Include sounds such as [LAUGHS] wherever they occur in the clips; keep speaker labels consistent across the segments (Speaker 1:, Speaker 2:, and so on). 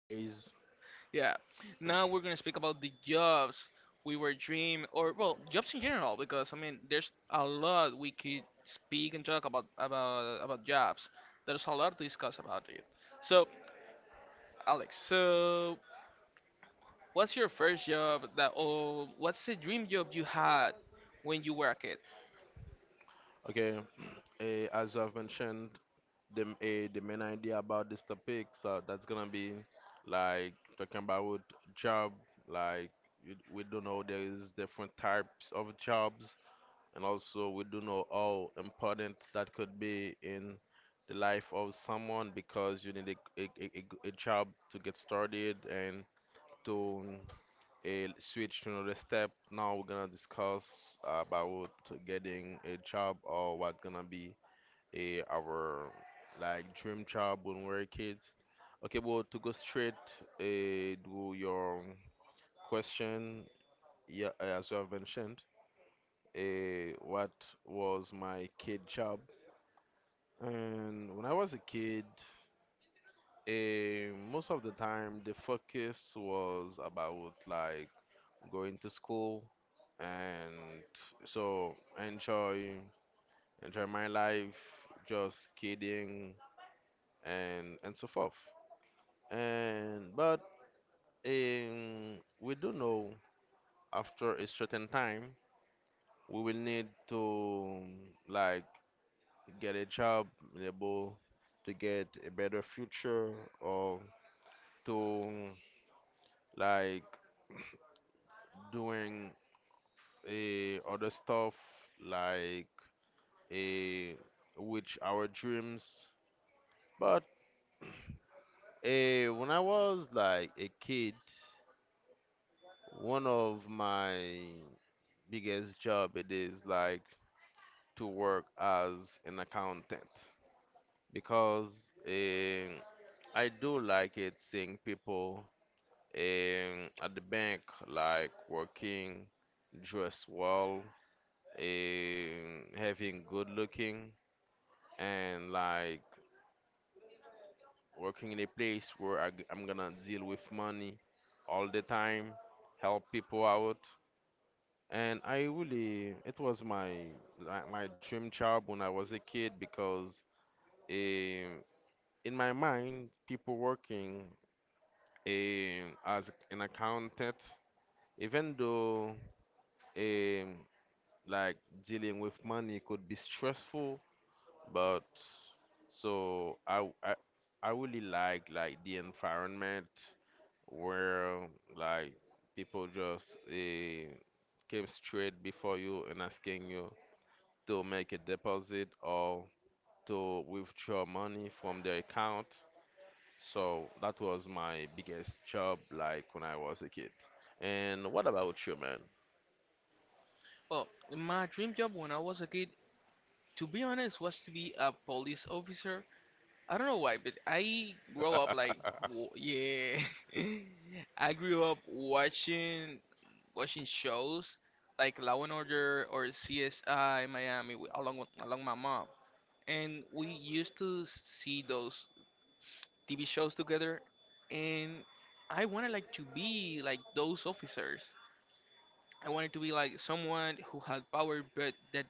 Speaker 1: Ace.
Speaker 2: Yeah. Now we're gonna speak about the jobs we were dream, or well, jobs in general, because there's a lot we could speak and talk about about jobs. There's a lot to discuss about it. So, Alex, so what's your first job that, or what's the dream job you had when you were a kid?
Speaker 1: Okay, as I've mentioned, the main idea about this topic, so that's gonna be like talking about job. Like we do know there is different types of jobs, and also we do know how important that could be in the life of someone because you need a job to get started and to a switch to another step. Now we're gonna discuss about getting a job or what gonna be a our like dream job when we're kids. Okay, well to go straight to your question, yeah, as you have mentioned, what was my kid job? And when I was a kid, most of the time the focus was about like going to school, and so enjoy enjoy my life, just kidding and so forth. And but we do know after a certain time we will need to like get a job, be able to get a better future or to like doing other stuff like eh, with our dreams. But when I was like a kid, one of my biggest job it is like to work as an accountant because eh, I do like it seeing people at the bank like working, dressed well, eh, having good looking and like working in a place where I am gonna deal with money all the time, help people out. And I really, it was my like my dream job when I was a kid because eh, in my mind, people working as an accountant, even though eh, like dealing with money could be stressful, but so I, I I really like the environment where like people just came straight before you and asking you to make a deposit or to withdraw money from their account. So that was my biggest job like when I was a kid. And what about you, man?
Speaker 2: Well, my dream job when I was a kid, to be honest, was to be a police officer. I don't know why, but I grow up like
Speaker 1: [LAUGHS]
Speaker 2: yeah. [LAUGHS] I grew up watching shows like Law and Order or CSI Miami along my mom, and we used to see those TV shows together, and I wanted like to be like those officers. I wanted to be like someone who had power, but that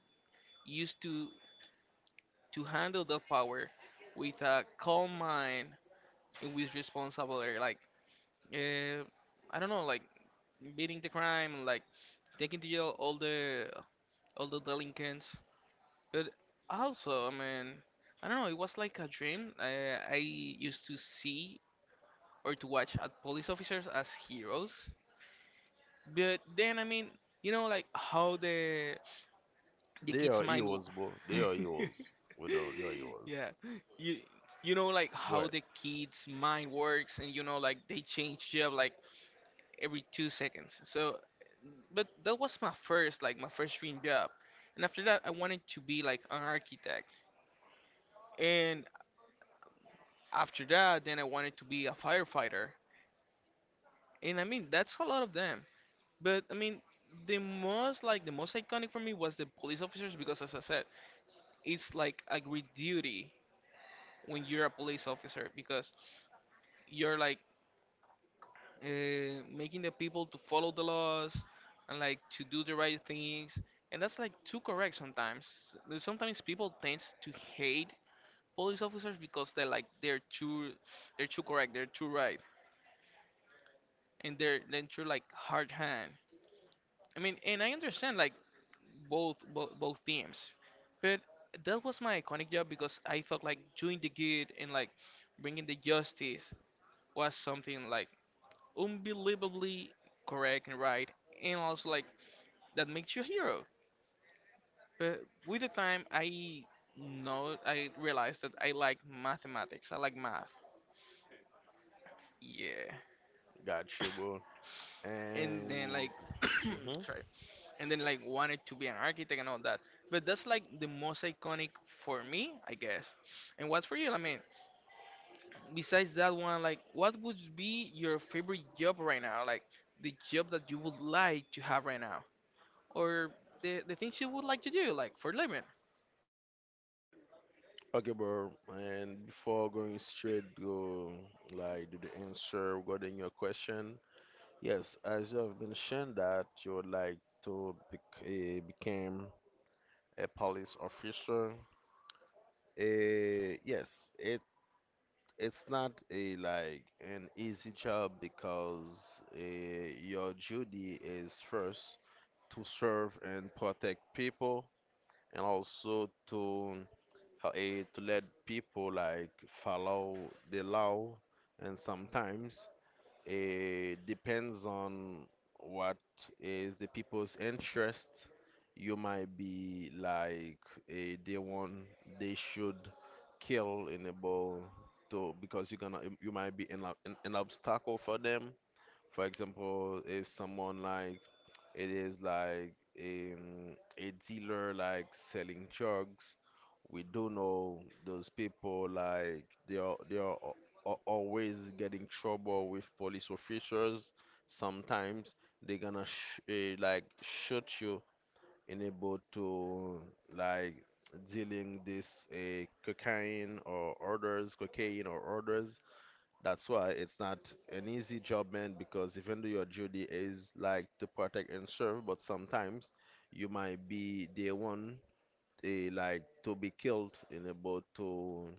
Speaker 2: used to handle the power with a calm mind and with responsibility, like. uh, I don't know, like beating the crime, like taking to jail all the delinquents. But also, I don't know. It was like a dream. I used to see or to watch at police officers as heroes. But then, you know, like how the
Speaker 1: They
Speaker 2: kids'
Speaker 1: are
Speaker 2: mind.
Speaker 1: heroes, bro. They are heroes. We don't. They are
Speaker 2: [LAUGHS]
Speaker 1: heroes.
Speaker 2: Yeah, you you know like
Speaker 1: Go
Speaker 2: how
Speaker 1: ahead.
Speaker 2: the kids' mind works, and you know like they change job like every 2 seconds. So, but that was my first, like my first dream job. And after that, I wanted to be like an architect. And after that, then I wanted to be a firefighter. And I mean, that's a lot of them. But the most like the most iconic for me was the police officers because, as I said, it's like a great duty when you're a police officer because you're like making the people to follow the laws and like to do the right things, and that's like too correct sometimes. Sometimes people tend to hate police officers because they're like they're too they're too correct, they're too right, and they're too like hard hand. I mean, and I understand like both both teams, but that was my iconic job because I felt like doing the good and like bringing the justice was something like unbelievably correct and right, and also like that makes you a hero. But with the time, I know I realized that I like mathematics. I like math. Yeah.
Speaker 1: Got you,
Speaker 2: [COUGHS]
Speaker 1: bro.
Speaker 2: And then
Speaker 1: And
Speaker 2: like, [COUGHS]
Speaker 1: mhm.
Speaker 2: sorry. And then like wanted to be an architect and all that. But that's like the most iconic for me, I guess. And what's for you? I mean, besides that one, like, what would be your favorite job right now? Like the job that you would like to have right now, or the things you would like to do, like for living.
Speaker 1: Okay, bro. And before going straight to like to the answer regarding your question, yes, as you have mentioned that you would like to become a police officer. Yes, it's not a like an easy job because your duty is first to serve and protect people and also to to let people like follow the law and sometimes it depends on what is the people's interest. You might be like a day one they should kill in a ball to because you're gonna you might be an obstacle for them. For example, if someone like it is like a dealer like selling drugs. We do know those people like they are always getting trouble with police officers. Sometimes they gonna like shoot you in able to like dealing this cocaine or orders, cocaine or orders. That's why it's not an easy job, man, because even though your duty is like to protect and serve, but sometimes you might be the one like to be killed in a boat to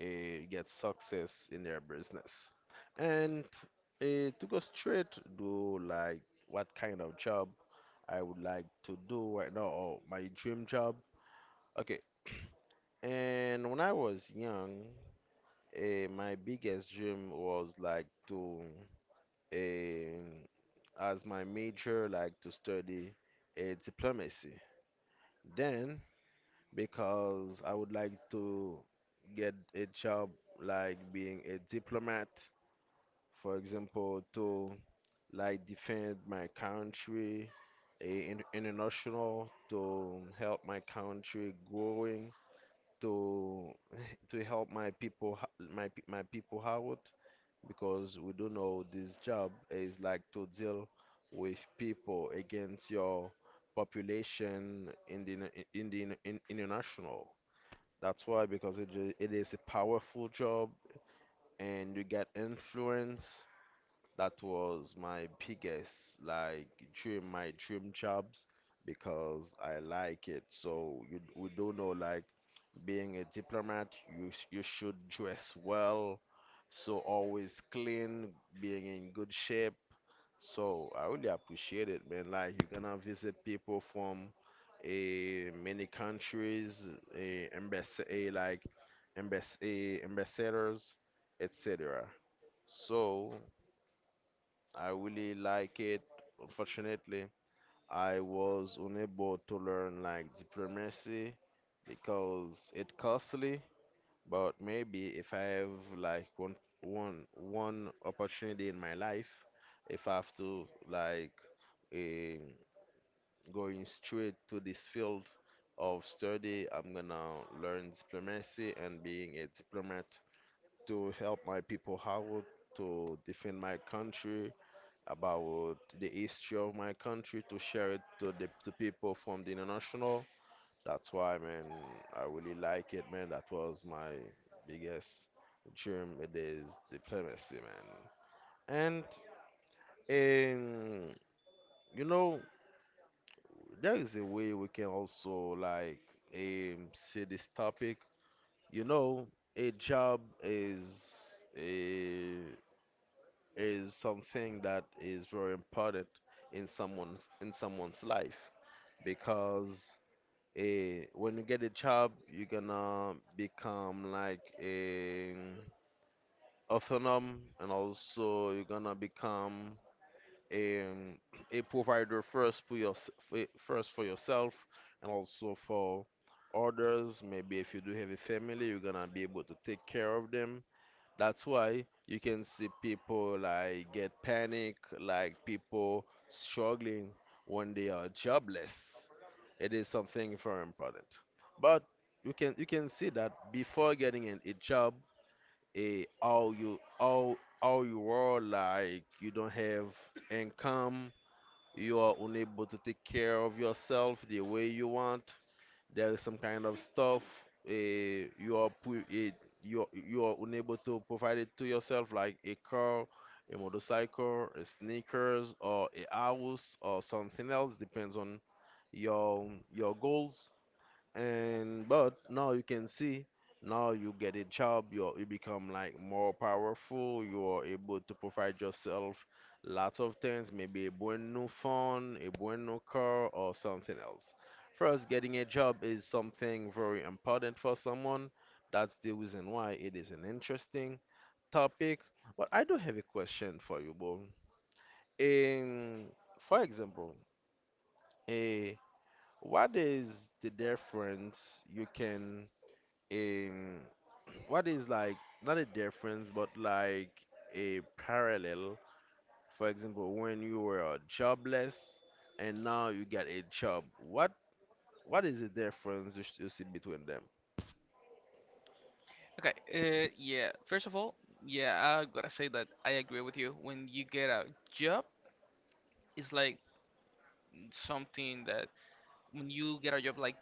Speaker 1: get success in their business. And to go straight to like what kind of job I would like to do right now or my dream job. Okay, and when I was young, my biggest dream was like to um, as my major, like to study diplomacy. Then, because I would like to get a job like being a diplomat, for example, to like defend my country in international, to help my country growing to [LAUGHS] to help my people h- my pe- my people out because we do know this job is like to deal with people against your population in the international. That's why because it is a powerful job and you get influence. That was my biggest like dream, my dream jobs because I like it. So you we do know like being a diplomat, you should dress well, so always clean, being in good shape. So I really appreciate it, man. Like you're gonna visit people from a many countries, a embassy, like embassy, ambassadors, etc. So. I really like it. Unfortunately, I was unable to learn like diplomacy because it costly. But maybe if I have like one opportunity in my life, if I have to like eh, going straight to this field of study, I'm gonna learn diplomacy and being a diplomat to help my people out, to defend my country, about the history of my country to share it to the to people from the international. That's why, man, I really like it, man. That was my biggest dream. It is diplomacy, man. And um, you know, there is a way we can also like see this topic. You know, a job is eh, is something that is very important in someone's life because when you get a job you're gonna become like a autonomous, and also you're gonna become a, a provider, first for your first for yourself, and also for others. Maybe if you do have a family you're gonna be able to take care of them. That's why you can see people like get panic, like people struggling when they are jobless. It is something very important. But you can see that before getting a job, a how you are like you don't have income, you are unable to take care of yourself the way you want. There is some kind of stuff uh, you are pu- eh, you are unable to provide it to yourself, like a car, a motorcycle, a sneakers, or a house, or something else. Depends on your goals. And but now you can see now you get a job, you become like more powerful, you are able to provide yourself lots of things, maybe a brand new phone, a brand new car, or something else. First, getting a job is something very important for someone. That's the reason why it is an interesting topic. But I do have a question for you, Bo. In, for example, a, what is the difference you can um, [CLEARS THROAT] what is like not a difference, but like a parallel. For example, when you were jobless and now you get a job, what is the difference you see between them?
Speaker 2: Okay, yeah. First of all, yeah, I gotta say that I agree with you. When you get a job, it's like something that when you get a job like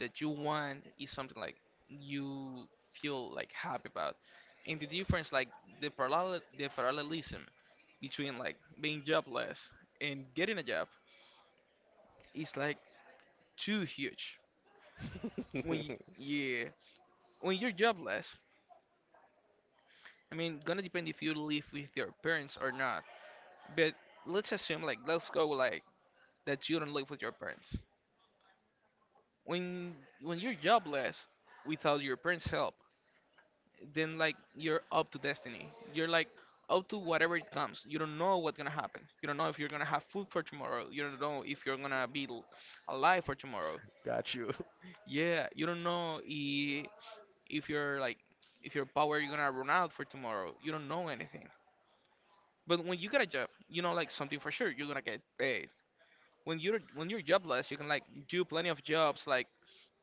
Speaker 2: that you want is something like you feel like happy about. And the difference, like the parallel, the parallelism between like being jobless and getting a job is like too huge. When y
Speaker 1: [LAUGHS]
Speaker 2: Yeah, when you're jobless, gonna depend if you live with your parents or not. But let's assume like let's go like that you don't live with your parents. When when you're jobless without your parents' help, then like you're up to destiny. You're like up to whatever it comes. You don't know what's gonna happen. You don't know if you're gonna have food for tomorrow. You don't know if you're gonna be alive for tomorrow.
Speaker 1: Got you.
Speaker 2: Yeah, you don't know if you're like if your power you're gonna run out for tomorrow. You don't know anything. But when you get a job, you know like something for sure. You're gonna get paid. When you're jobless, you can like do plenty of jobs like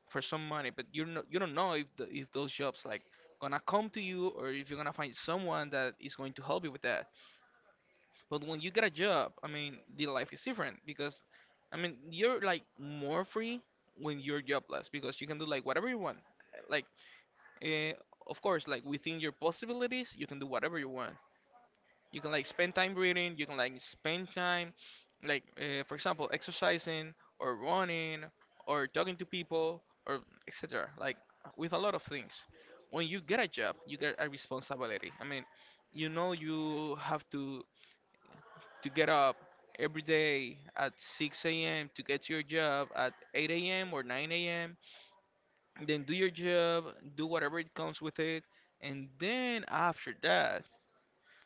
Speaker 2: for some money, but you don't know if if those jobs like gonna come to you or if you're gonna find someone that is going to help you with that. But when you get a job, the life is different because, you're like more free when you're jobless because you can do like whatever you want, like. Uh, of course, like within your possibilities, you can do whatever you want. You can like spend time reading. You can like spend time, like for example, exercising or running or talking to people or etc. Like with a lot of things. When you get a job, you get a responsibility. You know you have to get up every day at 6 a.m. to get to your job at 8 a.m. or 9 a.m. Then do your job, do whatever it comes with it, and then after that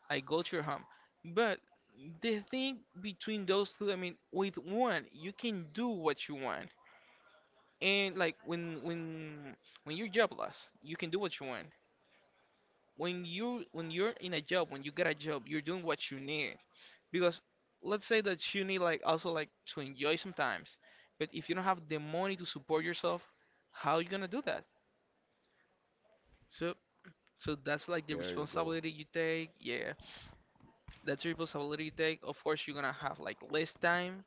Speaker 2: I go to your home. But the thing between those two, with one, you can do what you want. And like when you're jobless, you can do what you want. When you're in a job, when you get a job, you're doing what you need. Because let's say that you need like also like to enjoy sometimes. But if you don't have the money to support yourself, how you gonna do that? So so that's like the
Speaker 1: There you go.
Speaker 2: responsibility you take. Yeah, that's the responsibility you take. Of course, you're gonna have like less time,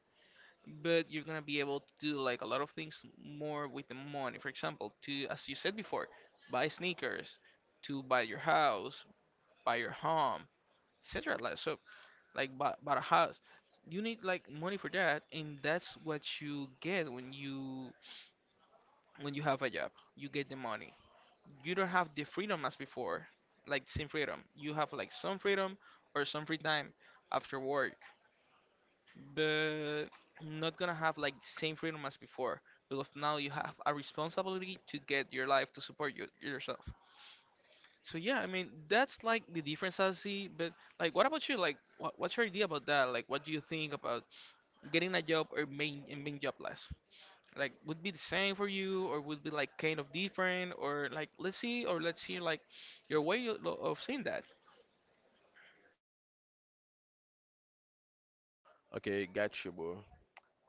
Speaker 2: but you're gonna be able to do like a lot of things more with the money. For example, to as you said before, buy sneakers, to buy your house, buy your home, etc. Like so, like buy a house. You need like money for that, and that's what you get when you have a job. You get the money. You don't have the freedom as before, like same freedom. You have like some freedom or some free time after work, but not gonna have like the same freedom as before because now you have a responsibility to get your life to support yourself. So yeah, I mean that's like the difference I see. But like what about you? Like what's your idea about that? Like what do you think about getting a job or being jobless? Like would be the same for you or would be like kind of different? Or like let's see or let's hear like your way of seeing that.
Speaker 1: Okay, got you, bro.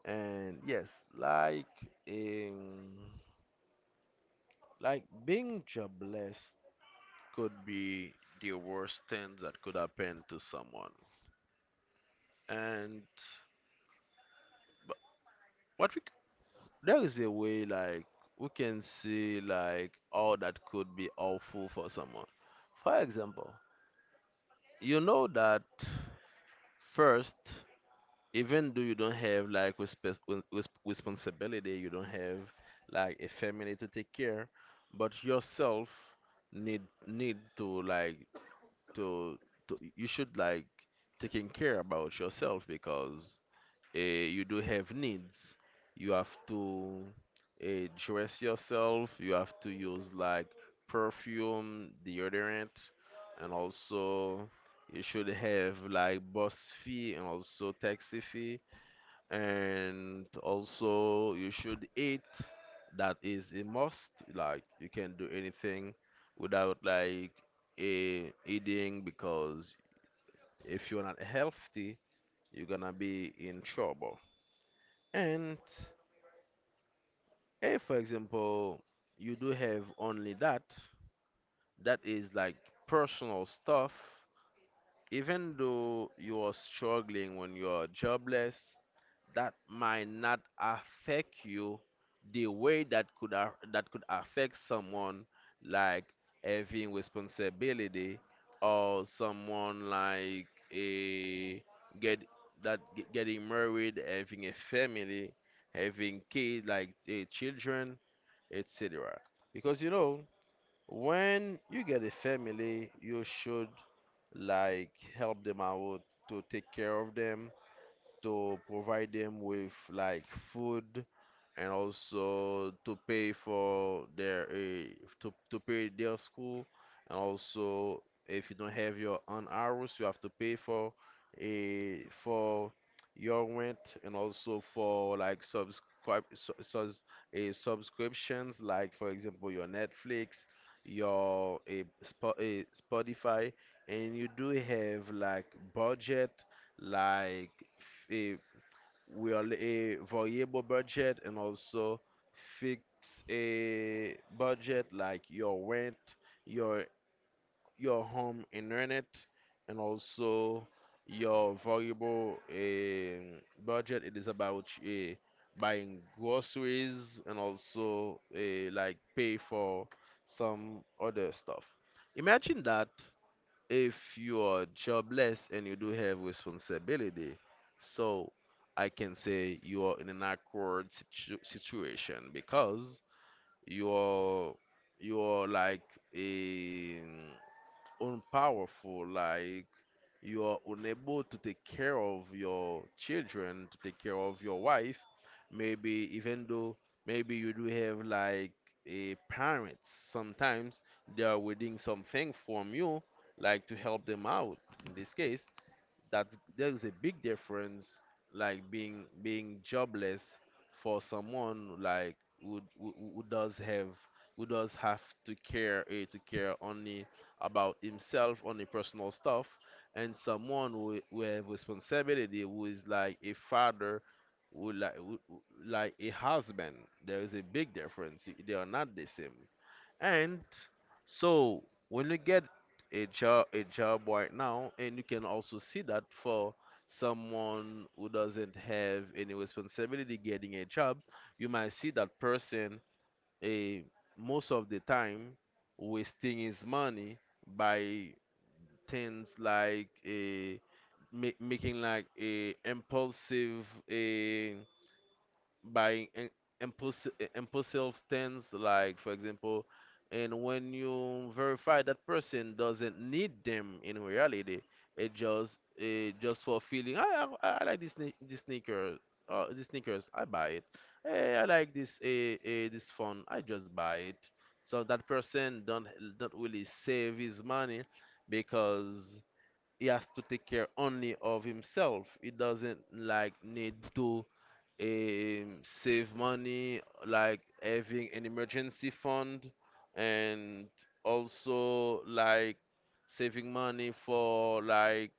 Speaker 1: And yes, um, like being jobless could be the worst thing that could happen to someone. And but what we there is a way like we can see like all that could be awful for someone. For example, you know that first, even though you don't have like responsibility, you don't have like a family to take care, but yourself need need to to, to you should like taking care about yourself because you do have needs. You have to dress yourself. You have to use like perfume, deodorant, and also you should have like bus fee and also taxi fee. And also you should eat. That is a must. Like you can't do anything without like a eating because if you're not healthy, you're gonna be in trouble. And if, for example, you do have only that, that is like personal stuff, even though you are struggling when you are jobless, that might not affect you the way that that could affect someone like having responsibility, or someone like a get that ge- getting married, having a family, having kids like children, etc. Because you know, when you get a family, you should like help them out, to take care of them, to provide them with like food, and also to pay for their to pay their school, and also if you don't have your own hours, you have to pay for a for your rent, and also for like subscribe su- sus a subscriptions like for example your Netflix, your a, Spo- a Spotify, and you do have like budget like we are a variable budget and also fix a budget like your rent, your home internet, and also your variable budget. It is about buying groceries and also like pay for some other stuff. Imagine that if you are jobless and you do have responsibility, so I can say you are in an situation because you are you are like a mm, unpowerful, like you are unable to take care of your children, to take care of your wife, maybe even though maybe you do have like a parents. Sometimes they are waiting something from you, like to help them out. In this case that's there's a big difference, like being jobless for someone like who does have, who does have to to care only about himself, only personal stuff, and someone who have responsibility, who is like a father, who- like a husband. There is a big difference, they are not the same. And so when you get a job right now, and you can also see that for someone who doesn't have any responsibility getting a job, you might see that person a most of the time wasting his money by things like making like a impulsive, by im- impulsive things, like for example, and when you verify that person doesn't need them in reality, it just for feeling. I like this sneaker, these sneakers, I buy it. Hey, I like this phone, I just buy it. So that person don't really save his money because he has to take care only of himself. He doesn't like need to save money, like having an emergency fund, and also like saving money for like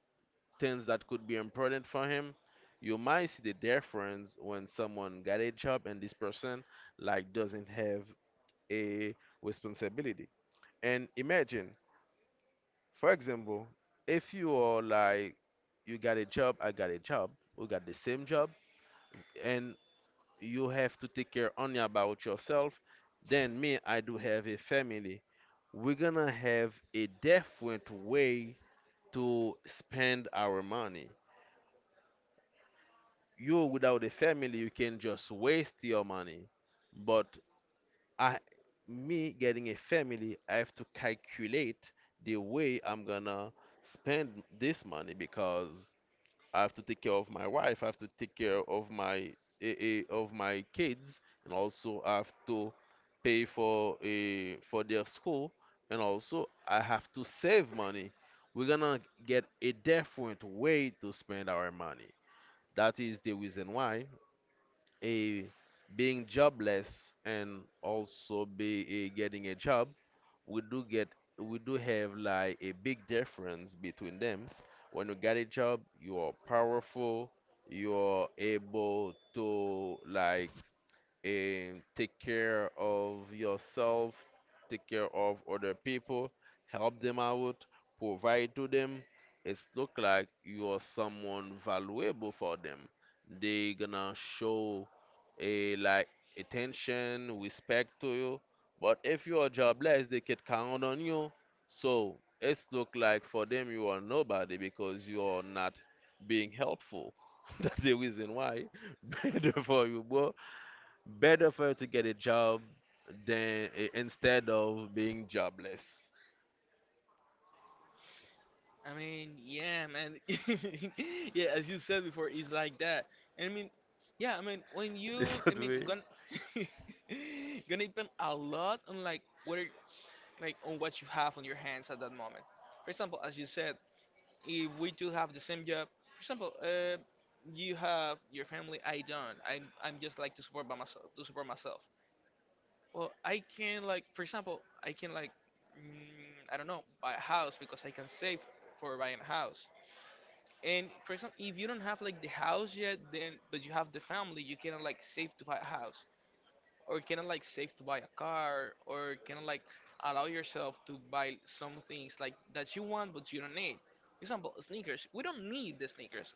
Speaker 1: things that could be important for him. You might see the difference when someone got a job and this person like doesn't have a responsibility. And imagine, for example, if you are like, you got a job, I got a job, we got the same job, and you have to take care only about yourself, then me, I do have a family. We're gonna have a different way to spend our money. You, without a family, you can just waste your money. But I, me getting a family, I have to calculate the way I'm gonna spend this money because I have to take care of my wife. I have to take care of my of my kids, and also I have to pay for for their school, and also I have to save money. We're gonna get a different way to spend our money. That is the reason why a being jobless and also getting a job, we do get we do have like a big difference between them. When you get a job, you are powerful, you are able to like and take care of yourself, take care of other people, help them out, provide to them. It's look like you are someone valuable for them. They gonna show a like attention, respect to you. But if you are jobless, they can count on you. So it's look like for them you are nobody because you are not being helpful. [LAUGHS] That's the reason why [LAUGHS] better for you, boy, better for her to get a job than instead of being jobless.
Speaker 2: I mean, yeah, man. [LAUGHS] yeah, as you said before, it's like that. And yeah, when
Speaker 1: [LAUGHS] This
Speaker 2: you,
Speaker 1: is the way.
Speaker 2: gonna, [LAUGHS] gonna depend a lot on like whether, like on what you have on your hands at that moment. For example, as you said, if we do have the same job, for example, you have your family. I don't. I'm just like to support by myself, to support myself. Well, I can like, for example, I can like, mm, I don't know, buy a house because I can save for buying a house. And for example, if you don't have like the house yet, then but you have the family, you cannot like save to buy a house, or cannot like save to buy a car, or cannot like allow yourself to buy some things like that you want but you don't need. For example, sneakers. We don't need the sneakers.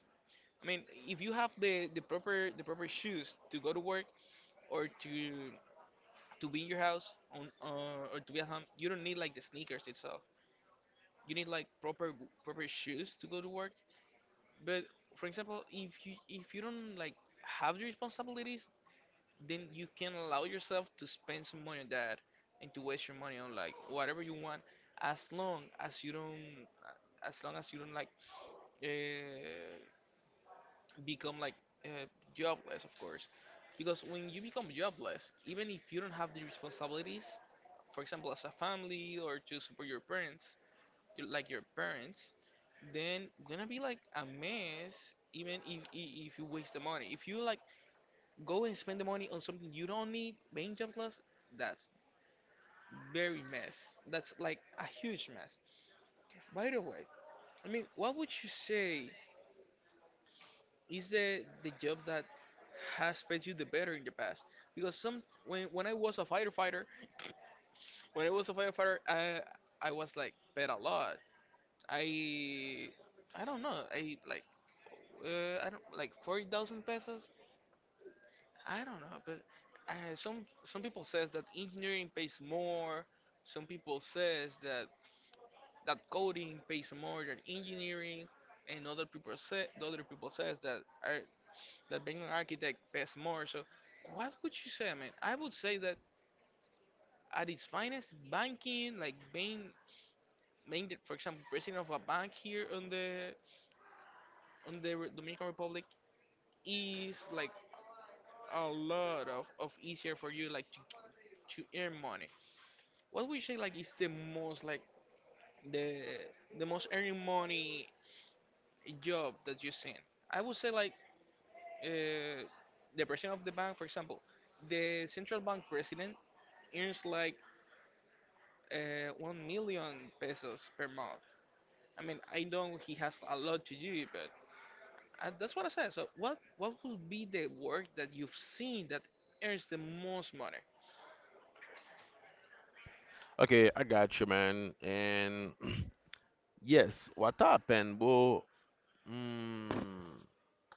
Speaker 2: I mean, if you have the proper shoes to go to work or to be in your house on or to be at home, you don't need like the sneakers itself. You need like proper shoes to go to work. But for example, if you don't like have the responsibilities, then you can allow yourself to spend some money on that and to waste your money on like whatever you want, as long as you don't as long as you don't like uh, become like uh, jobless, of course. Because when you become jobless, even if you don't have the responsibilities, for example, as a family or to support your parents, like your parents, then gonna be like a mess. Even if you waste the money, if you like go and spend the money on something you don't need paying job jobless, that's very mess, that's like a huge mess. By the way, I mean, what would you say is the job that has paid you the better in the past? Because some when I was a firefighter, when I was a firefighter, I was like paid a lot. i I don't know, I like I don't like 40,000 pesos. I don't know, but some people says that engineering pays more. Some people says that coding pays more than engineering, and other people say the other people says that are that being an architect pays more. So, what would you say, man? I would say that at its finest, banking, like being the, for example, president of a bank here on the Dominican Republic, is like a lot of easier for you like to earn money. What would you say like is the most like the the most earning money job that you've seen? I would say like uh, the president of the bank, for example, the central bank president earns like 1 million pesos per month. I mean, I know he has a lot to do, but that's what I said. So what would be the work that you've seen that earns the most money?
Speaker 1: Okay, I got you, man. And [CLEARS THROAT] yes, what happened, bro? Mm,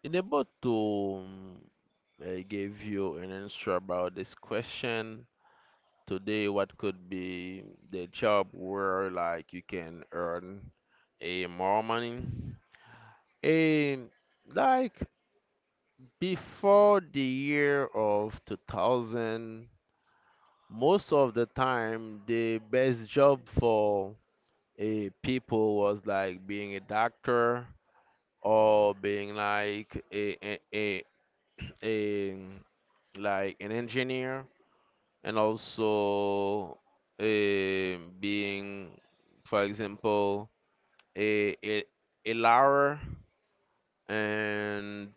Speaker 1: in about to mm, I gave you an answer about this question today. What could be the job where like you can earn a more money? A like Before the year of 2000, most of the time, the best job for a people was like being a doctor or being like a like an engineer, and also being, for example, a, a, a lawyer, and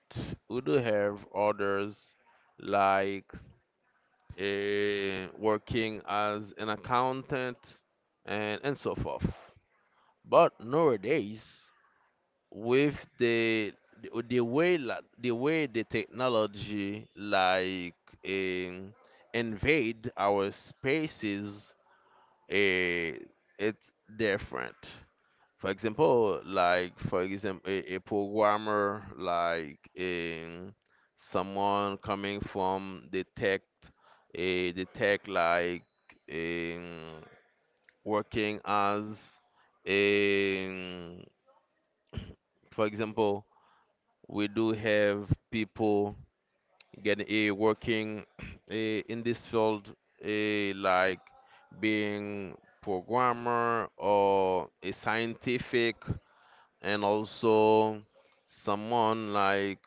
Speaker 1: we do have others like working as an accountant, and so forth. But nowadays, with the way the way the technology like um, invade our spaces, eh, it's different. For example, a programmer, like someone coming from the tech, a the tech like um, working as a for example, we do have people getting a working [CLEARS THROAT] in this field, like being programmer or a scientific. And also someone like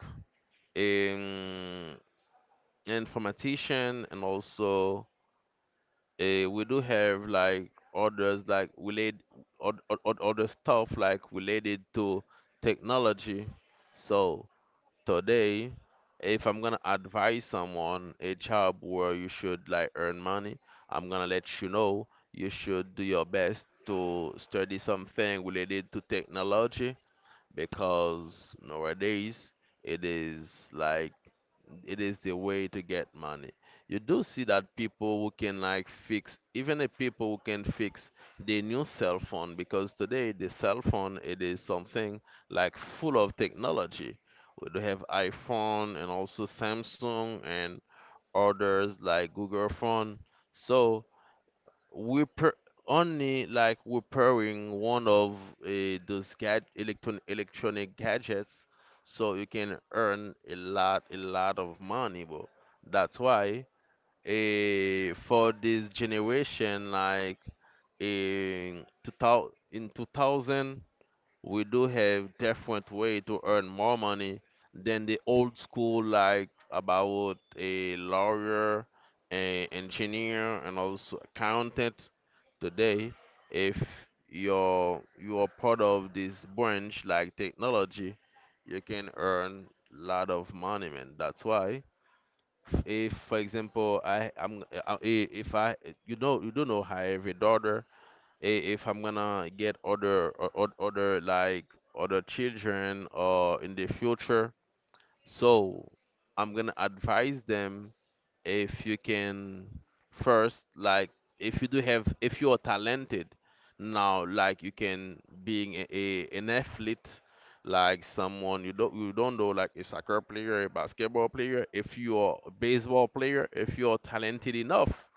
Speaker 1: an informatician, and also we do have like others like related other stuff like related to technology. So today, if I'm gonna advise someone a job where you should like earn money, I'm gonna let you know you should do your best to study something related to technology, because nowadays it is like it is the way to get money. You do see that people who can like fix, even the people who can fix the new cell phone, because today the cell phone it is something like full of technology. We do have iPhone and also Samsung, and others like Google phone. So we pre- only like repairing one of those electronic gadgets, so you can earn a lot, a lot of money, bro. That's why for this generation, like in 2000, we do have different way to earn more money than the old school, like about a lawyer, a engineer, and also accountant. Today, if you are part of this branch, like technology, you can earn lot of money, man. That's why if for example I am if I, you know, you do not know how I have a daughter, I- if I'm gonna get other other like other children or in the future. So I'm gonna advise them, if you can first like if you do have, if you are talented now, like you can being a an athlete, like someone you don't, you don't know, like a soccer player, a basketball player, if you are a baseball player, if you are talented enough,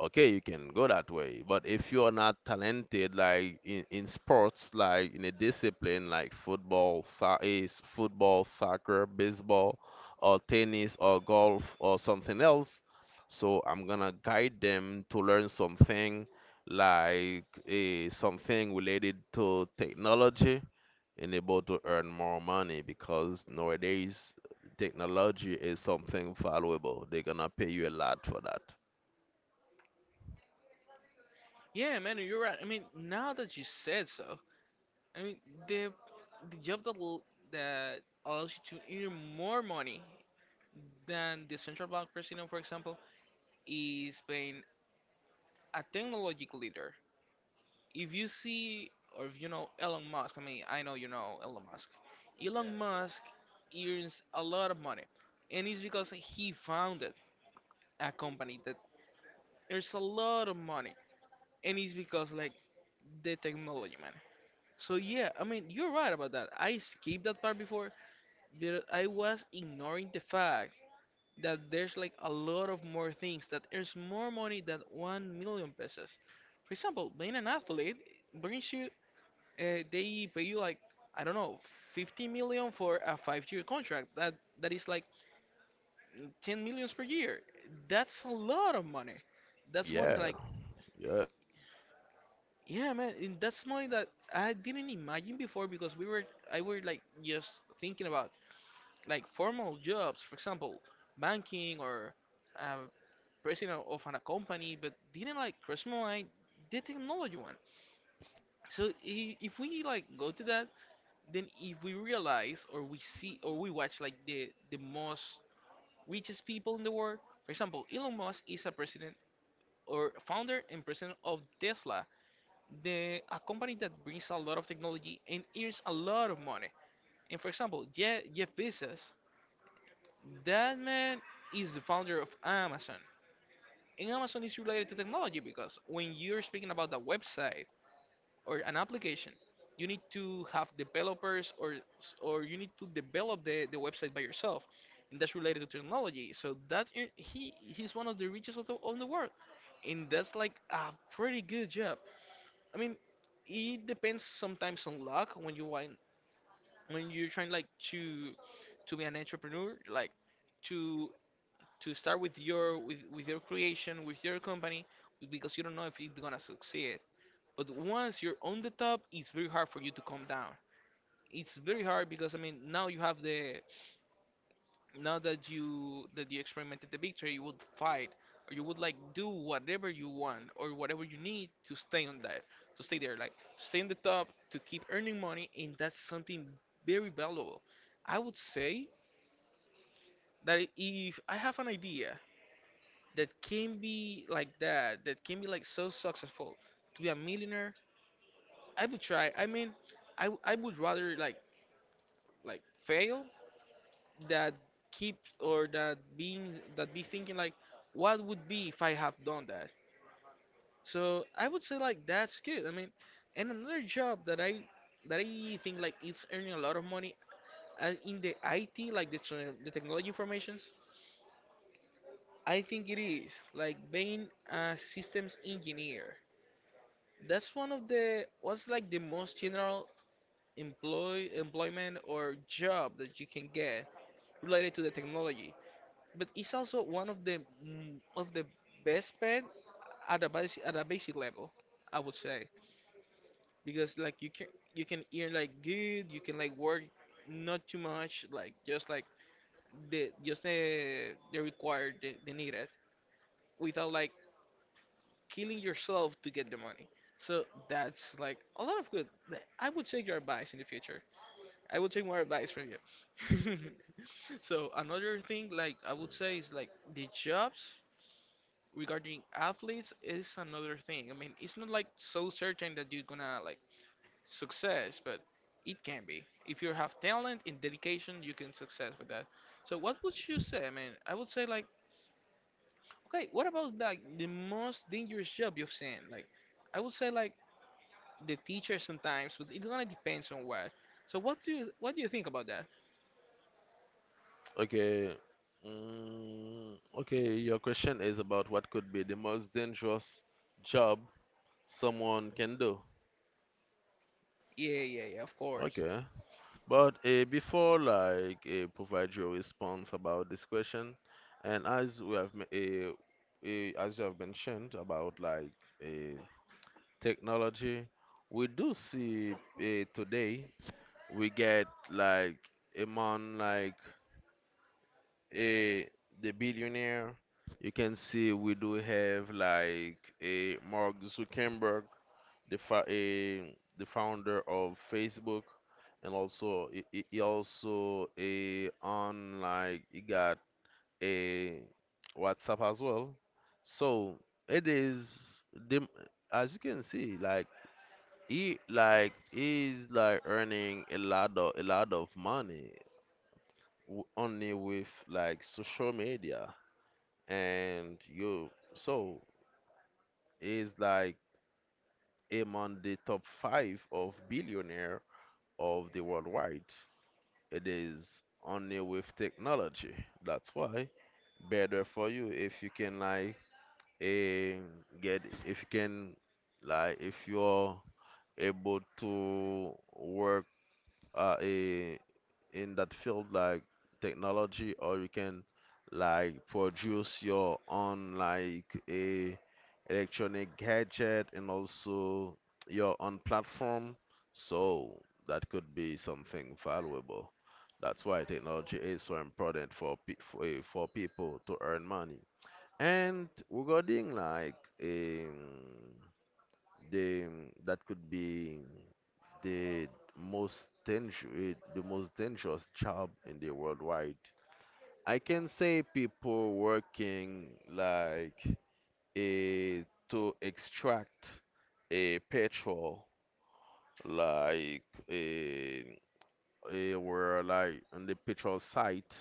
Speaker 1: okay, you can go that way. But if you are not talented like in sports, like in a discipline like football, so- is football, soccer, baseball, or tennis, or golf, or something else, so I'm gonna guide them to learn something like a something related to technology, and able to earn more money, because nowadays technology is something valuable, they're gonna pay you a lot for that.
Speaker 2: Yeah, man, you're right. I mean, now that you said so, I mean, the the job that will, that allows you to earn more money than the central bank president, for example, is being a technological leader. If you see, or if you know Elon Musk, I mean, I know you know Elon Musk. Elon Musk earns a lot of money, and it's because he founded a company that earns a lot of money, and it's because like the technology, man. So yeah, I mean, you're right about that. I skipped that part before, but I was ignoring the fact that there's like a lot of more things that earns more money than 1 million pesos. For example, being an athlete brings you, they pay you like, I don't know, 50 million for a five-year contract. That is like 10 millions per year. That's a lot of money. That's money
Speaker 1: Yeah,
Speaker 2: like,
Speaker 1: yeah.
Speaker 2: yeah, man, and that's money that I didn't imagine before because I were like just thinking about like formal jobs, for example, banking or uh, president of a company, but didn't like personalize the technology one. So if we like go to that, then if we realize or we see or we watch like the most richest people in the world, for example, Elon Musk is a president or founder and president of Tesla, the a company that brings a lot of technology and earns a lot of money. And for example, Jeff Bezos. That man is the founder of Amazon. And Amazon is related to technology because when you're speaking about the website or an application, you need to have developers or you need to develop the website by yourself. And that's related to technology. So that he's one of the richest of of the world. And that's like a pretty good job. I mean, it depends sometimes on luck when you want when you're trying like to be an entrepreneur, like to to start with your with your creation with your company, because you don't know if it's gonna succeed. But once you're on the top, it's very hard for you to come down. It's very hard because I mean, now you have the now that you experimented the victory, you would fight or you would like do whatever you want or whatever you need to stay on that, to stay there, like to stay on the top to keep earning money, and that's something very valuable. I would say that if I have an idea that can be like that can be like so successful to be a millionaire, I would try. I mean, I would rather like fail that keep or that be thinking like what would be if I have done that. So I would say like that's good. I mean, and another job that I think like is earning a lot of money in the IT like the technology informations. I think it is like being a systems engineer. That's one of the what's like the most general employment or job that you can get related to the technology. But it's also one of the of the best paid at a basic level, I would say, because like you can earn like good, you can like work not too much, like just like the required the needed without like killing yourself to get the money. So that's like a lot of good. Like, I would take your advice in the future. I would take more advice from you. [LAUGHS] So another thing, like I would say, is like the jobs regarding athletes is another thing. I mean, it's not like so certain that you're gonna like success, but it can be. If you have talent and dedication, you can success with that. So what would you say? I mean, I would say like, okay, what about like the most dangerous job you've seen? Like, I would say like the teacher sometimes, but it gonna depends on what. So what do you think about that?
Speaker 1: Okay. Okay, your question is about what could be the most dangerous job someone can do.
Speaker 2: Yeah, yeah, yeah. Of course.
Speaker 1: Okay. But before like provide your response about this question, and as we have as you have mentioned about like uh, technology, we do see today we get like among like eh, the billionaire. You can see we do have like a Mark Zuckerberg, the founder of Facebook, and also he also a on like he got a WhatsApp as well. So it is the as you can see like he's like earning a lot of money only with like social media, and you, so is like among the top five of billionaire of the worldwide. It is only with technology. That's why better for you if you can like eh, get, if you can like if you're able to work uh, eh, in that field, like technology, or you can like produce your own like a electronic gadget, and also your own platform. So that could be something valuable. That's why technology is so important for for, for people to earn money. And regarding like um, the, that could be the the most dangerous job in the worldwide. I can say people working like a to extract a petrol, like a were like on the petrol site.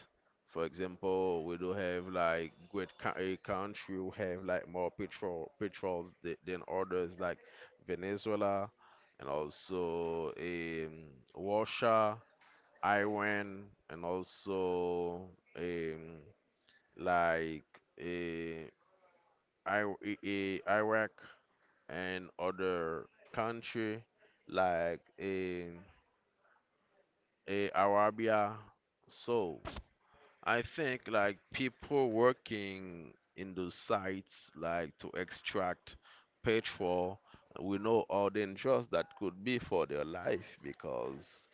Speaker 1: For example, we do have like a country who have like more petrols than others, like Venezuela, and also Russia, Iran, and also um, like eh, Iraq, and other country, like Arabia. So. I think like people working in those sites like to extract petrol, we know how dangerous that could be for their life, because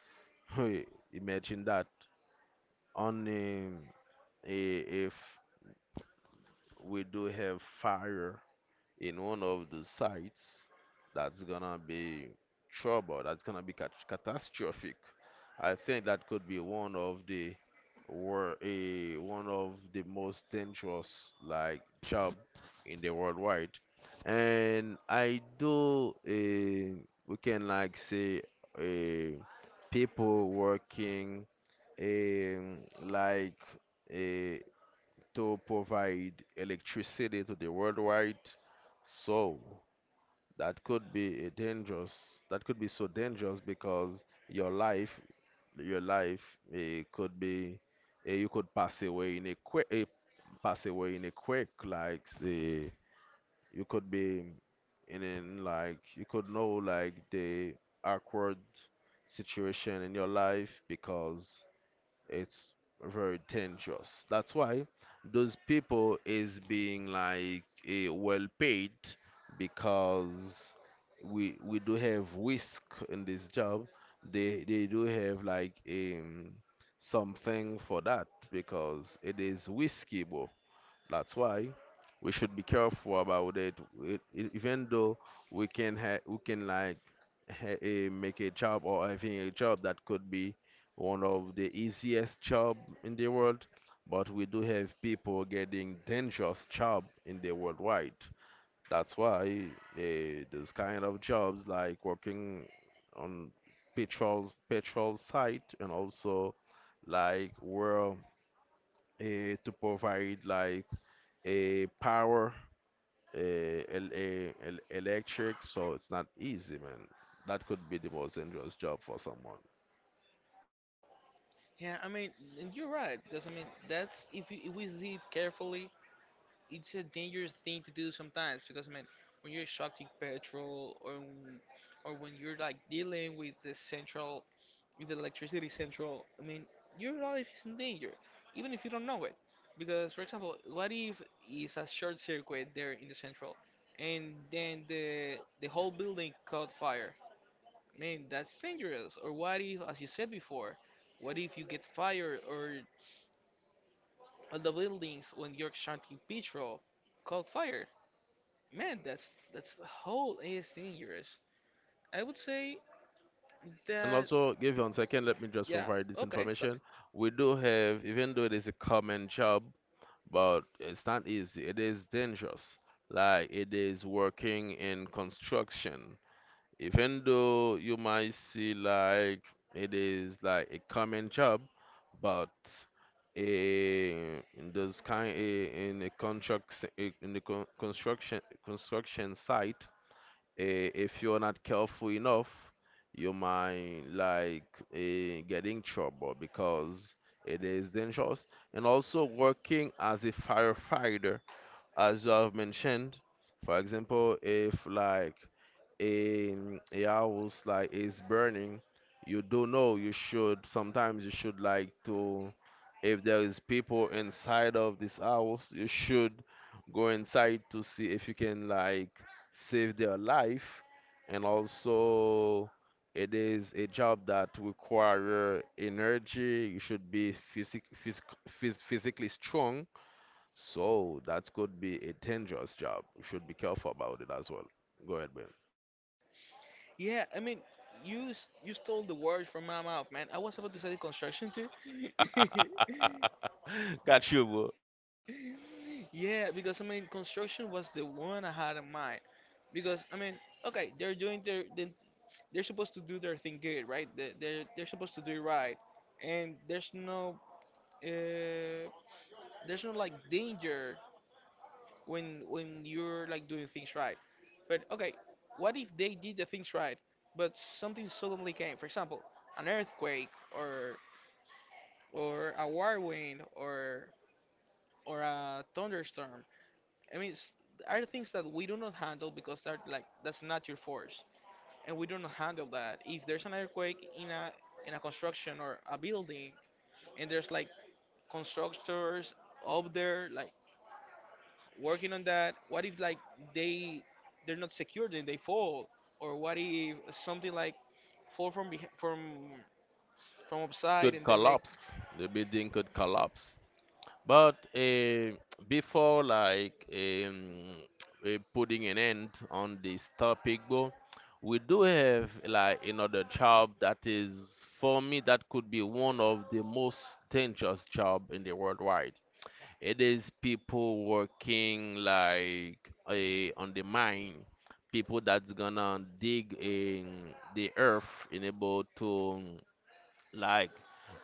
Speaker 1: [LAUGHS] imagine that only if we do have fire in one of the sites, that's gonna be trouble, that's gonna be catastrophic. I think that could be one of the one of the most dangerous like job in the worldwide. And we can like say eh, people working um, like to provide electricity to the worldwide. So that could be a dangerous. That could be so dangerous because your life, it could be, you could pass away in a quick, pass away in a quick. Like the, you could be in like you could know like the awkward situation in your life because it's very dangerous. That's why those people is being like well paid because we do have risk in this job. They do have like something for that, because it is risky, bro. That's why we should be careful about it. Even though we can we can like make a job or having a job that could be one of the easiest job in the world, but we do have people getting dangerous job in the worldwide. That's why those kind of jobs like working on petrol site, and also like where to provide like a power, el eh, el electric. So it's not easy, man. That could be the most dangerous job for someone.
Speaker 2: Yeah, I mean, and you're right because I mean that's if, you, if we see it carefully, it's a dangerous thing to do sometimes because I mean when you're extracting petrol or when you're like dealing with the central with the electricity central, I mean, your life is in danger, even if you don't know it. Because, for example, what if it's a short circuit there in the central, and then the whole building caught fire? Man, that's dangerous. Or what if, as you said before, what if you get fire or all the buildings when you're shunting petrol caught fire? Man, that's the whole is dangerous. I would say
Speaker 1: And
Speaker 2: that
Speaker 1: also, give you 1 second, let me just
Speaker 2: yeah,
Speaker 1: provide this
Speaker 2: okay.
Speaker 1: information. We do have, even though it is a common job, but it's not easy. It is dangerous. Like it is working in construction, even though you might see like it is like a common job, but eh, in those in a in the construction site, if you're not careful enough, you might like get in trouble because it is dangerous. And also working as a firefighter, as you have mentioned, for example, if like in a house like is burning, you do know you should sometimes you should like to if there is people inside of this house, you should go inside to see if you can like save their life, and also it is a job that require energy. You should be physically strong, so that could be a dangerous job. You should be careful about it as well. Go ahead.
Speaker 2: Yeah, I mean, you stole the words from my mouth, man. I was about to say construction too. [LAUGHS]
Speaker 1: [LAUGHS] Got you, bro.
Speaker 2: Yeah, because I mean, construction was the one I had in mind. Because I mean, okay, they're doing their they're supposed to do their thing good, right? They're supposed to do it right, and uh there's no like danger when you're like doing things right. But okay, what if they did the things right, but something suddenly came? For example, an earthquake or a whirlwind or a thunderstorm. I mean, are things that we do not handle because they're like that's not your force, and we do not handle that. If there's an earthquake in a construction or a building, and there's like constructors up there like working on that, what if like they they're not secure, then they fall? Or what if something like fall from beh from upside
Speaker 1: Could
Speaker 2: and then like
Speaker 1: collapse. The building could collapse. But before like putting an end on this topic, bro, we do have like another job that is for me that could be one of the most dangerous job in the worldwide. It is people working like on the mine, people that's gonna dig in the earth, enable to like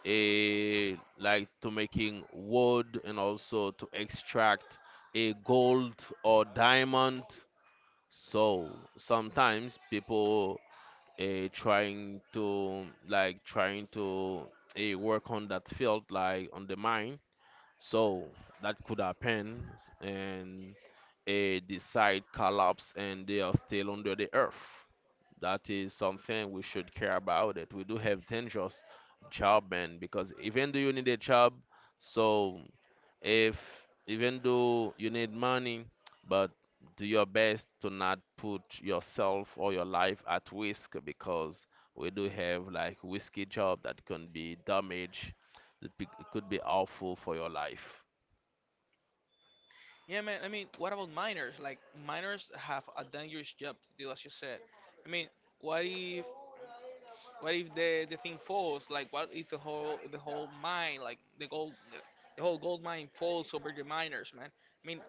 Speaker 1: a like to making wood and also to extract a gold or diamond. So sometimes people trying to like trying to work on that field like on the mine, so that could happen, and the site collapse and they are still under the earth. That is something we should care about. It we do have dangerous job, man, because even though you need a job, so if even though you need money, but do your best to not put yourself or your life at risk because we do have like risky job that can be damaged. It could be awful for your life.
Speaker 2: yeah, man, I mean what about minors, like minors have a dangerous job to do, as you said? I mean, what if what if the thing falls, like what if the whole mine, like the gold, the whole gold mine falls over the miners, man? I mean,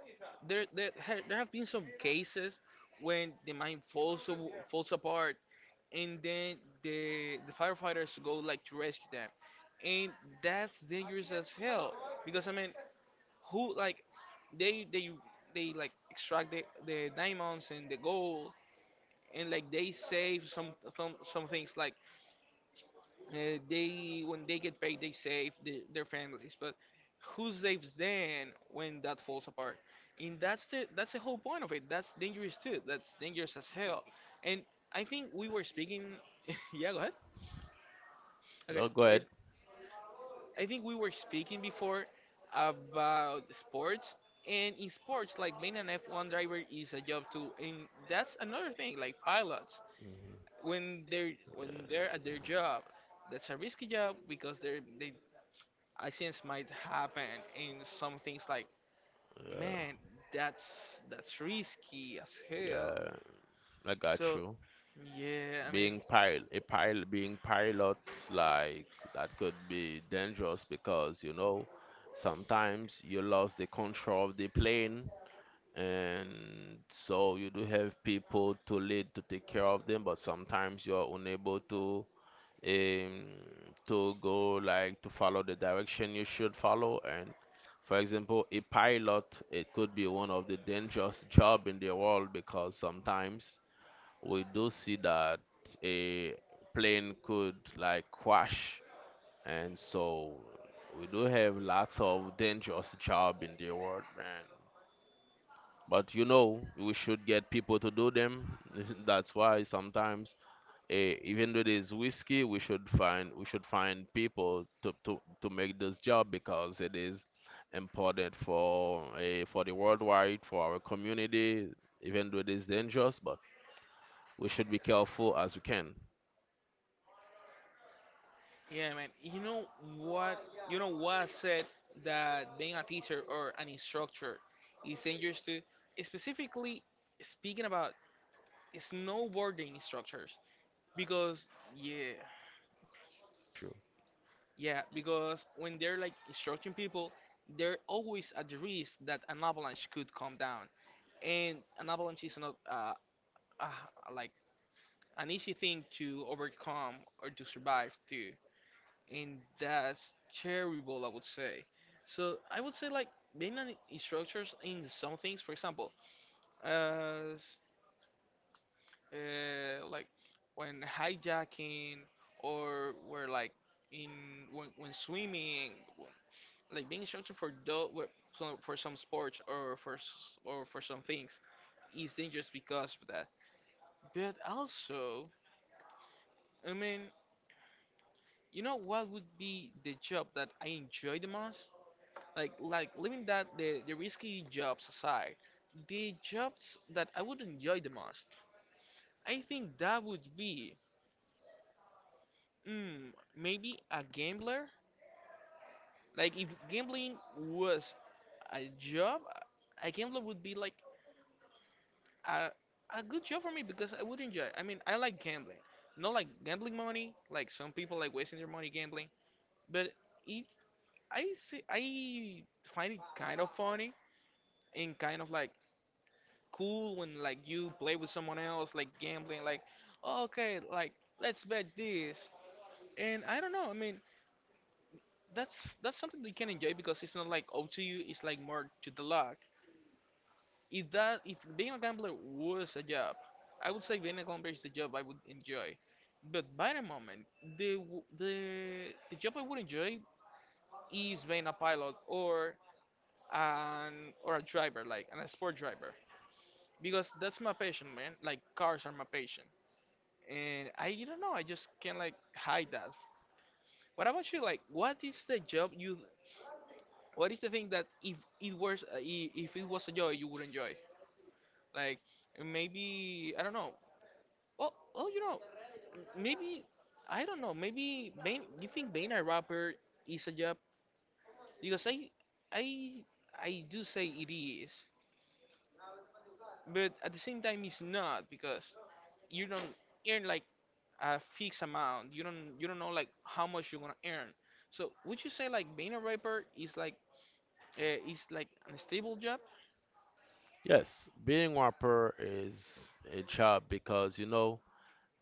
Speaker 2: there have been some cases when the mine falls falls apart and then the firefighters go like to rescue them. And that's dangerous as hell because I mean, who like they they they like extract the diamonds and the gold and like they save some some things like they when they get paid they save their families. But who saves then when that falls apart? And that's the whole point of it. That's dangerous too. That's dangerous as hell. And I think we were speaking [LAUGHS] yeah go. Okay,
Speaker 1: No, go
Speaker 2: I,
Speaker 1: ahead.
Speaker 2: I think we were speaking before about sports, and in sports, like being an F1 driver is a job too, and that's another thing. Like pilots, when they're at their job, that's a risky job because they accidents might happen, and some things like
Speaker 1: Yeah,
Speaker 2: man, that's risky as hell.
Speaker 1: yeah, I got
Speaker 2: So
Speaker 1: you.
Speaker 2: yeah, I mean,
Speaker 1: Being pil a pil being pilot, like that could be dangerous because you know sometimes you lost the control of the plane, and so you do have people to lead to take care of them, but sometimes you are unable um, to go like to follow the direction you should follow. And for example, a pilot, it could be one of the dangerous job in the world because sometimes we do see that a plane could like crash, and so we do have lots of dangerous job in the world, man. But you know, we should get people to do them. [LAUGHS] That's why sometimes even though there's whiskey, we should find people to make this job because it is important for for the worldwide, for our community, even though it is dangerous, but we should be careful as we can.
Speaker 2: yeah, man. You know what? You know what I said that being a teacher or an instructor is dangerous to, specifically speaking about snowboarding instructors, because yeah,
Speaker 1: True.
Speaker 2: yeah, because when they're like instructing people, they're always at the risk that an avalanche could come down, and an avalanche is not uh like an easy thing to overcome or to survive too. And that's terrible, I would say. So I would say like being an instructor in some things, for example, as like when hijacking or where like in when swimming, like being instructor for for some sports or for or for some things is dangerous because of that. But also, I mean, you know what would be the job that I enjoy the most? Like leaving that the risky jobs aside, the jobs that I would enjoy the most, I think that would be mm, maybe a gambler. Like if gambling was a job, a gambler would be like a, a good job for me because I would enjoy it. I mean, I like gambling. Not like gambling money like some people like wasting their money gambling, but it I find it kind of funny and kind of like cool when like you play with someone else, like gambling, like, "Oh, okay, like let's bet this." And I don't know. I mean, that's something that you can enjoy because it's not like up to you. It's like more to the luck. If being a gambler was a job, I would say being a gambler is the job I would enjoy. But by the moment, the job I would enjoy is being a pilot or an or a driver, like an a sport driver, because that's my passion, man. Like cars are my passion. And I don't know. I just can't like hide that. What about you? Like, what is the job you? What is the thing that if it was if it was a job you would enjoy? Like, maybe I don't know. Well, oh, you know, maybe I don't know. Maybe being, you think being a rapper is a job? Because I I do say it is, but at the same time it's not because you don't earn like a fixed amount. You don't know like how much you're gonna earn. So would you say like being a rapper is like a stable job?
Speaker 1: Yes, being rapper is a job because you know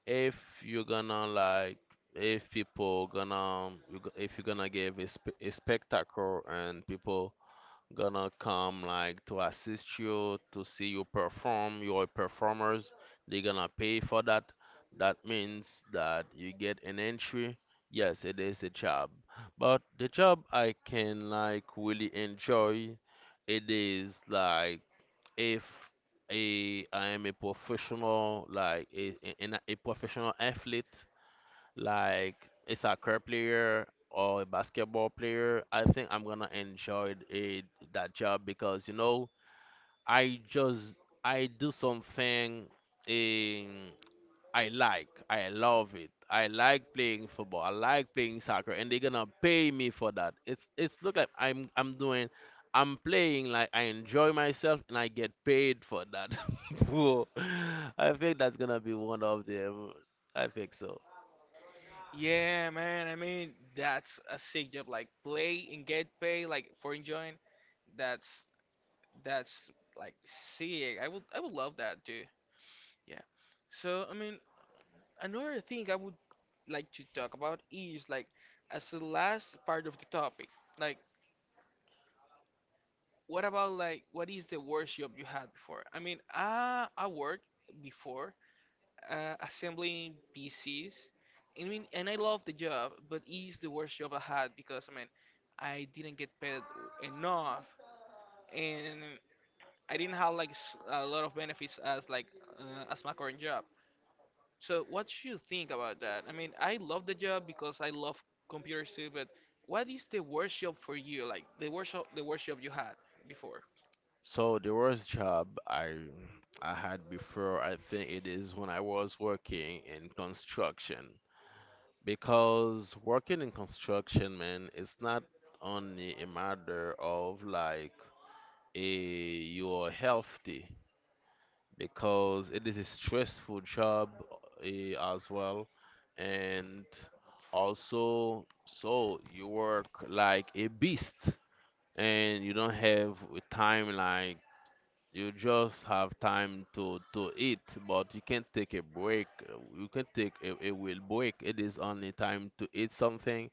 Speaker 1: if you're gonna like if people gonna you go- if you're gonna give a spectacle and people gonna come like to assist you to see you perform your performers, they're gonna pay for that. That means that you get an entry. Yes, it is a job, but the job I can like really enjoy, it is like if a I am a professional like a professional athlete like a soccer player or a basketball player, I think I'm gonna enjoy it, that job because you know I just I do something, um, I like, I love it. I like playing football. I like playing soccer, and they're gonna pay me for that. It's look like I'm doing. I'm playing like I enjoy myself and I get paid for that. [LAUGHS] Bro, I think that's gonna be one of them. I think so.
Speaker 2: Yeah, man. I mean that's a sick job. Like play and get paid like for enjoying. That's that's like sick. I would love that too. Yeah. So I mean another thing I would like to talk about is like as the last part of the topic, like, what about like what is the worst job you had before? I mean, I worked before assembling PCs. I mean, and I love the job, but it's the worst job I had because I mean, I didn't get paid enough, and I didn't have like a lot of benefits as like as my current job. So what should you think about that? I mean, I love the job because I love computers too, but what is the worst job for you? Like the worst job you had before?
Speaker 1: So the worst job I had before, I think it is when I was working in construction. Because working in construction, man, it's not only a matter of like a you're healthy, because it is a stressful job as well, and also so you work like a beast, and you don't have a timeline. You just have time to eat, but you can't take a break. You can take a will break. It is only time to eat something,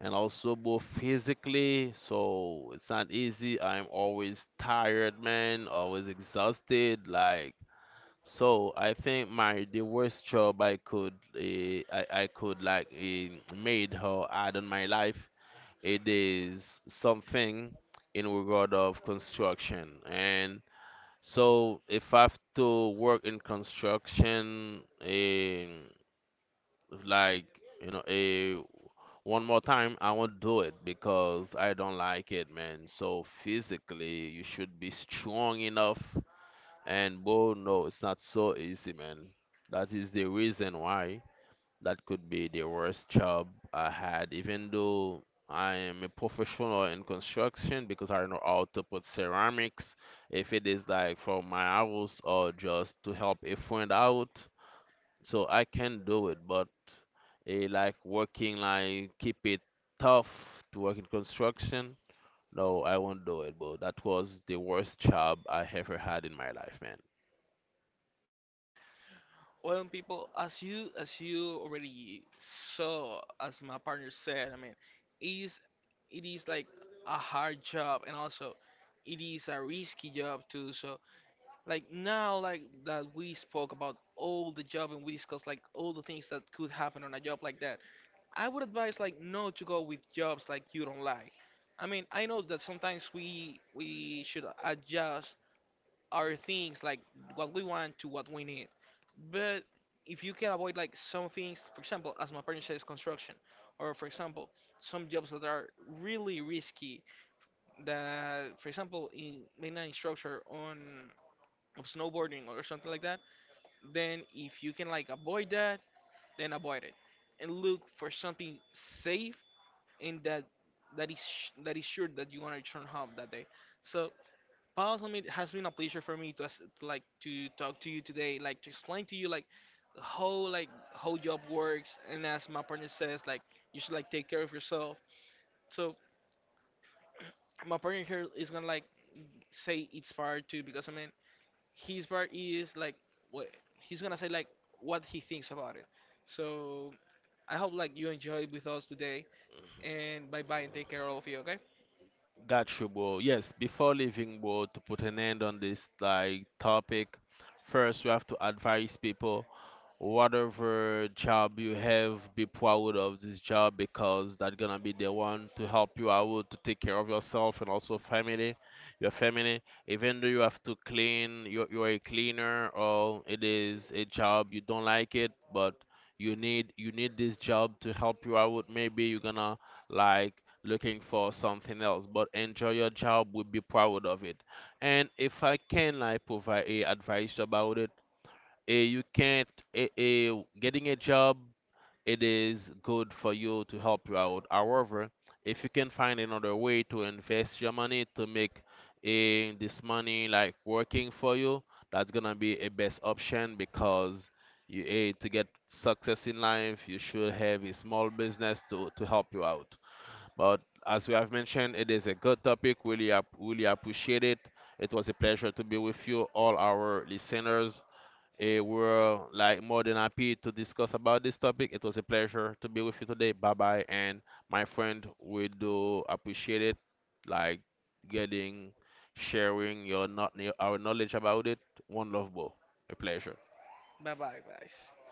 Speaker 1: and also both physically. So it's not easy. I'm always tired, man. Always exhausted. Like so, I think my the worst job I could I could like made or add on my life. It is something in regard of construction, and so if I have to work in construction, in like you know, a one more time, I won't do it because I don't like it, man. So physically, you should be strong enough. And bro, no, it's not so easy, man. That is the reason why that could be the worst job I had, even though I am a professional in construction because I know how to put ceramics, if it is like for my house or just to help a friend out. So I can do it, but like working, like keep it tough to work in construction. No, I won't do it, bro. That was the worst job I ever had in my life, man.
Speaker 2: Well, people, as you already saw, as my partner said, I mean, it is like a hard job, and also it is a risky job too. So, like now, like that we spoke about all the job and we discussed like all the things that could happen on a job like that. I would advise like not to go with jobs like you don't like. I mean, I know that sometimes we should adjust our things like what we want to what we need, but if you can avoid like some things, for example, as my partner says, construction, or for example some jobs that are really risky, that for example in mainline instructor on of snowboarding or something like that, then if you can like avoid that, then avoid it and look for something safe and that is that is sure that you want to return home that day. So Paul, it has been a pleasure for me to like to talk to you today, like to explain to you like how job works, and as my partner says, like you should like take care of yourself. So my partner here is gonna like say it's part too, because I mean his part is like what he's gonna say, like what he thinks about it. So I hope like you enjoyed with us today, and bye bye and take care of you. Okay,
Speaker 1: Got you, bro. Yes, before leaving, bro, to put an end on this like topic, first we have to advise people, whatever job you have, be proud of this job because that's gonna be the one to help you out to take care of yourself and also family, your family. Even though you have to clean, you're a cleaner or it is a job you don't like it, but you need this job to help you out. Maybe you're gonna like looking for something else, but enjoy your job. Would be proud of it, and if I can like provide a advice about it, you can't eh, eh, getting a job, it is good for you to help you out. However, if you can find another way to invest your money to make this money like working for you, that's gonna be a best option because you to get success in life you should have a small business to help you out. But as we have mentioned, it is a good topic. Really, really appreciate it. It was a pleasure to be with you, all our listeners. We're like more than happy to discuss about this topic. It was a pleasure to be with you today. Bye bye, and my friend, we do appreciate it, like getting, sharing your not your, our knowledge about it. One love, bro. A pleasure.
Speaker 2: bye bye guys.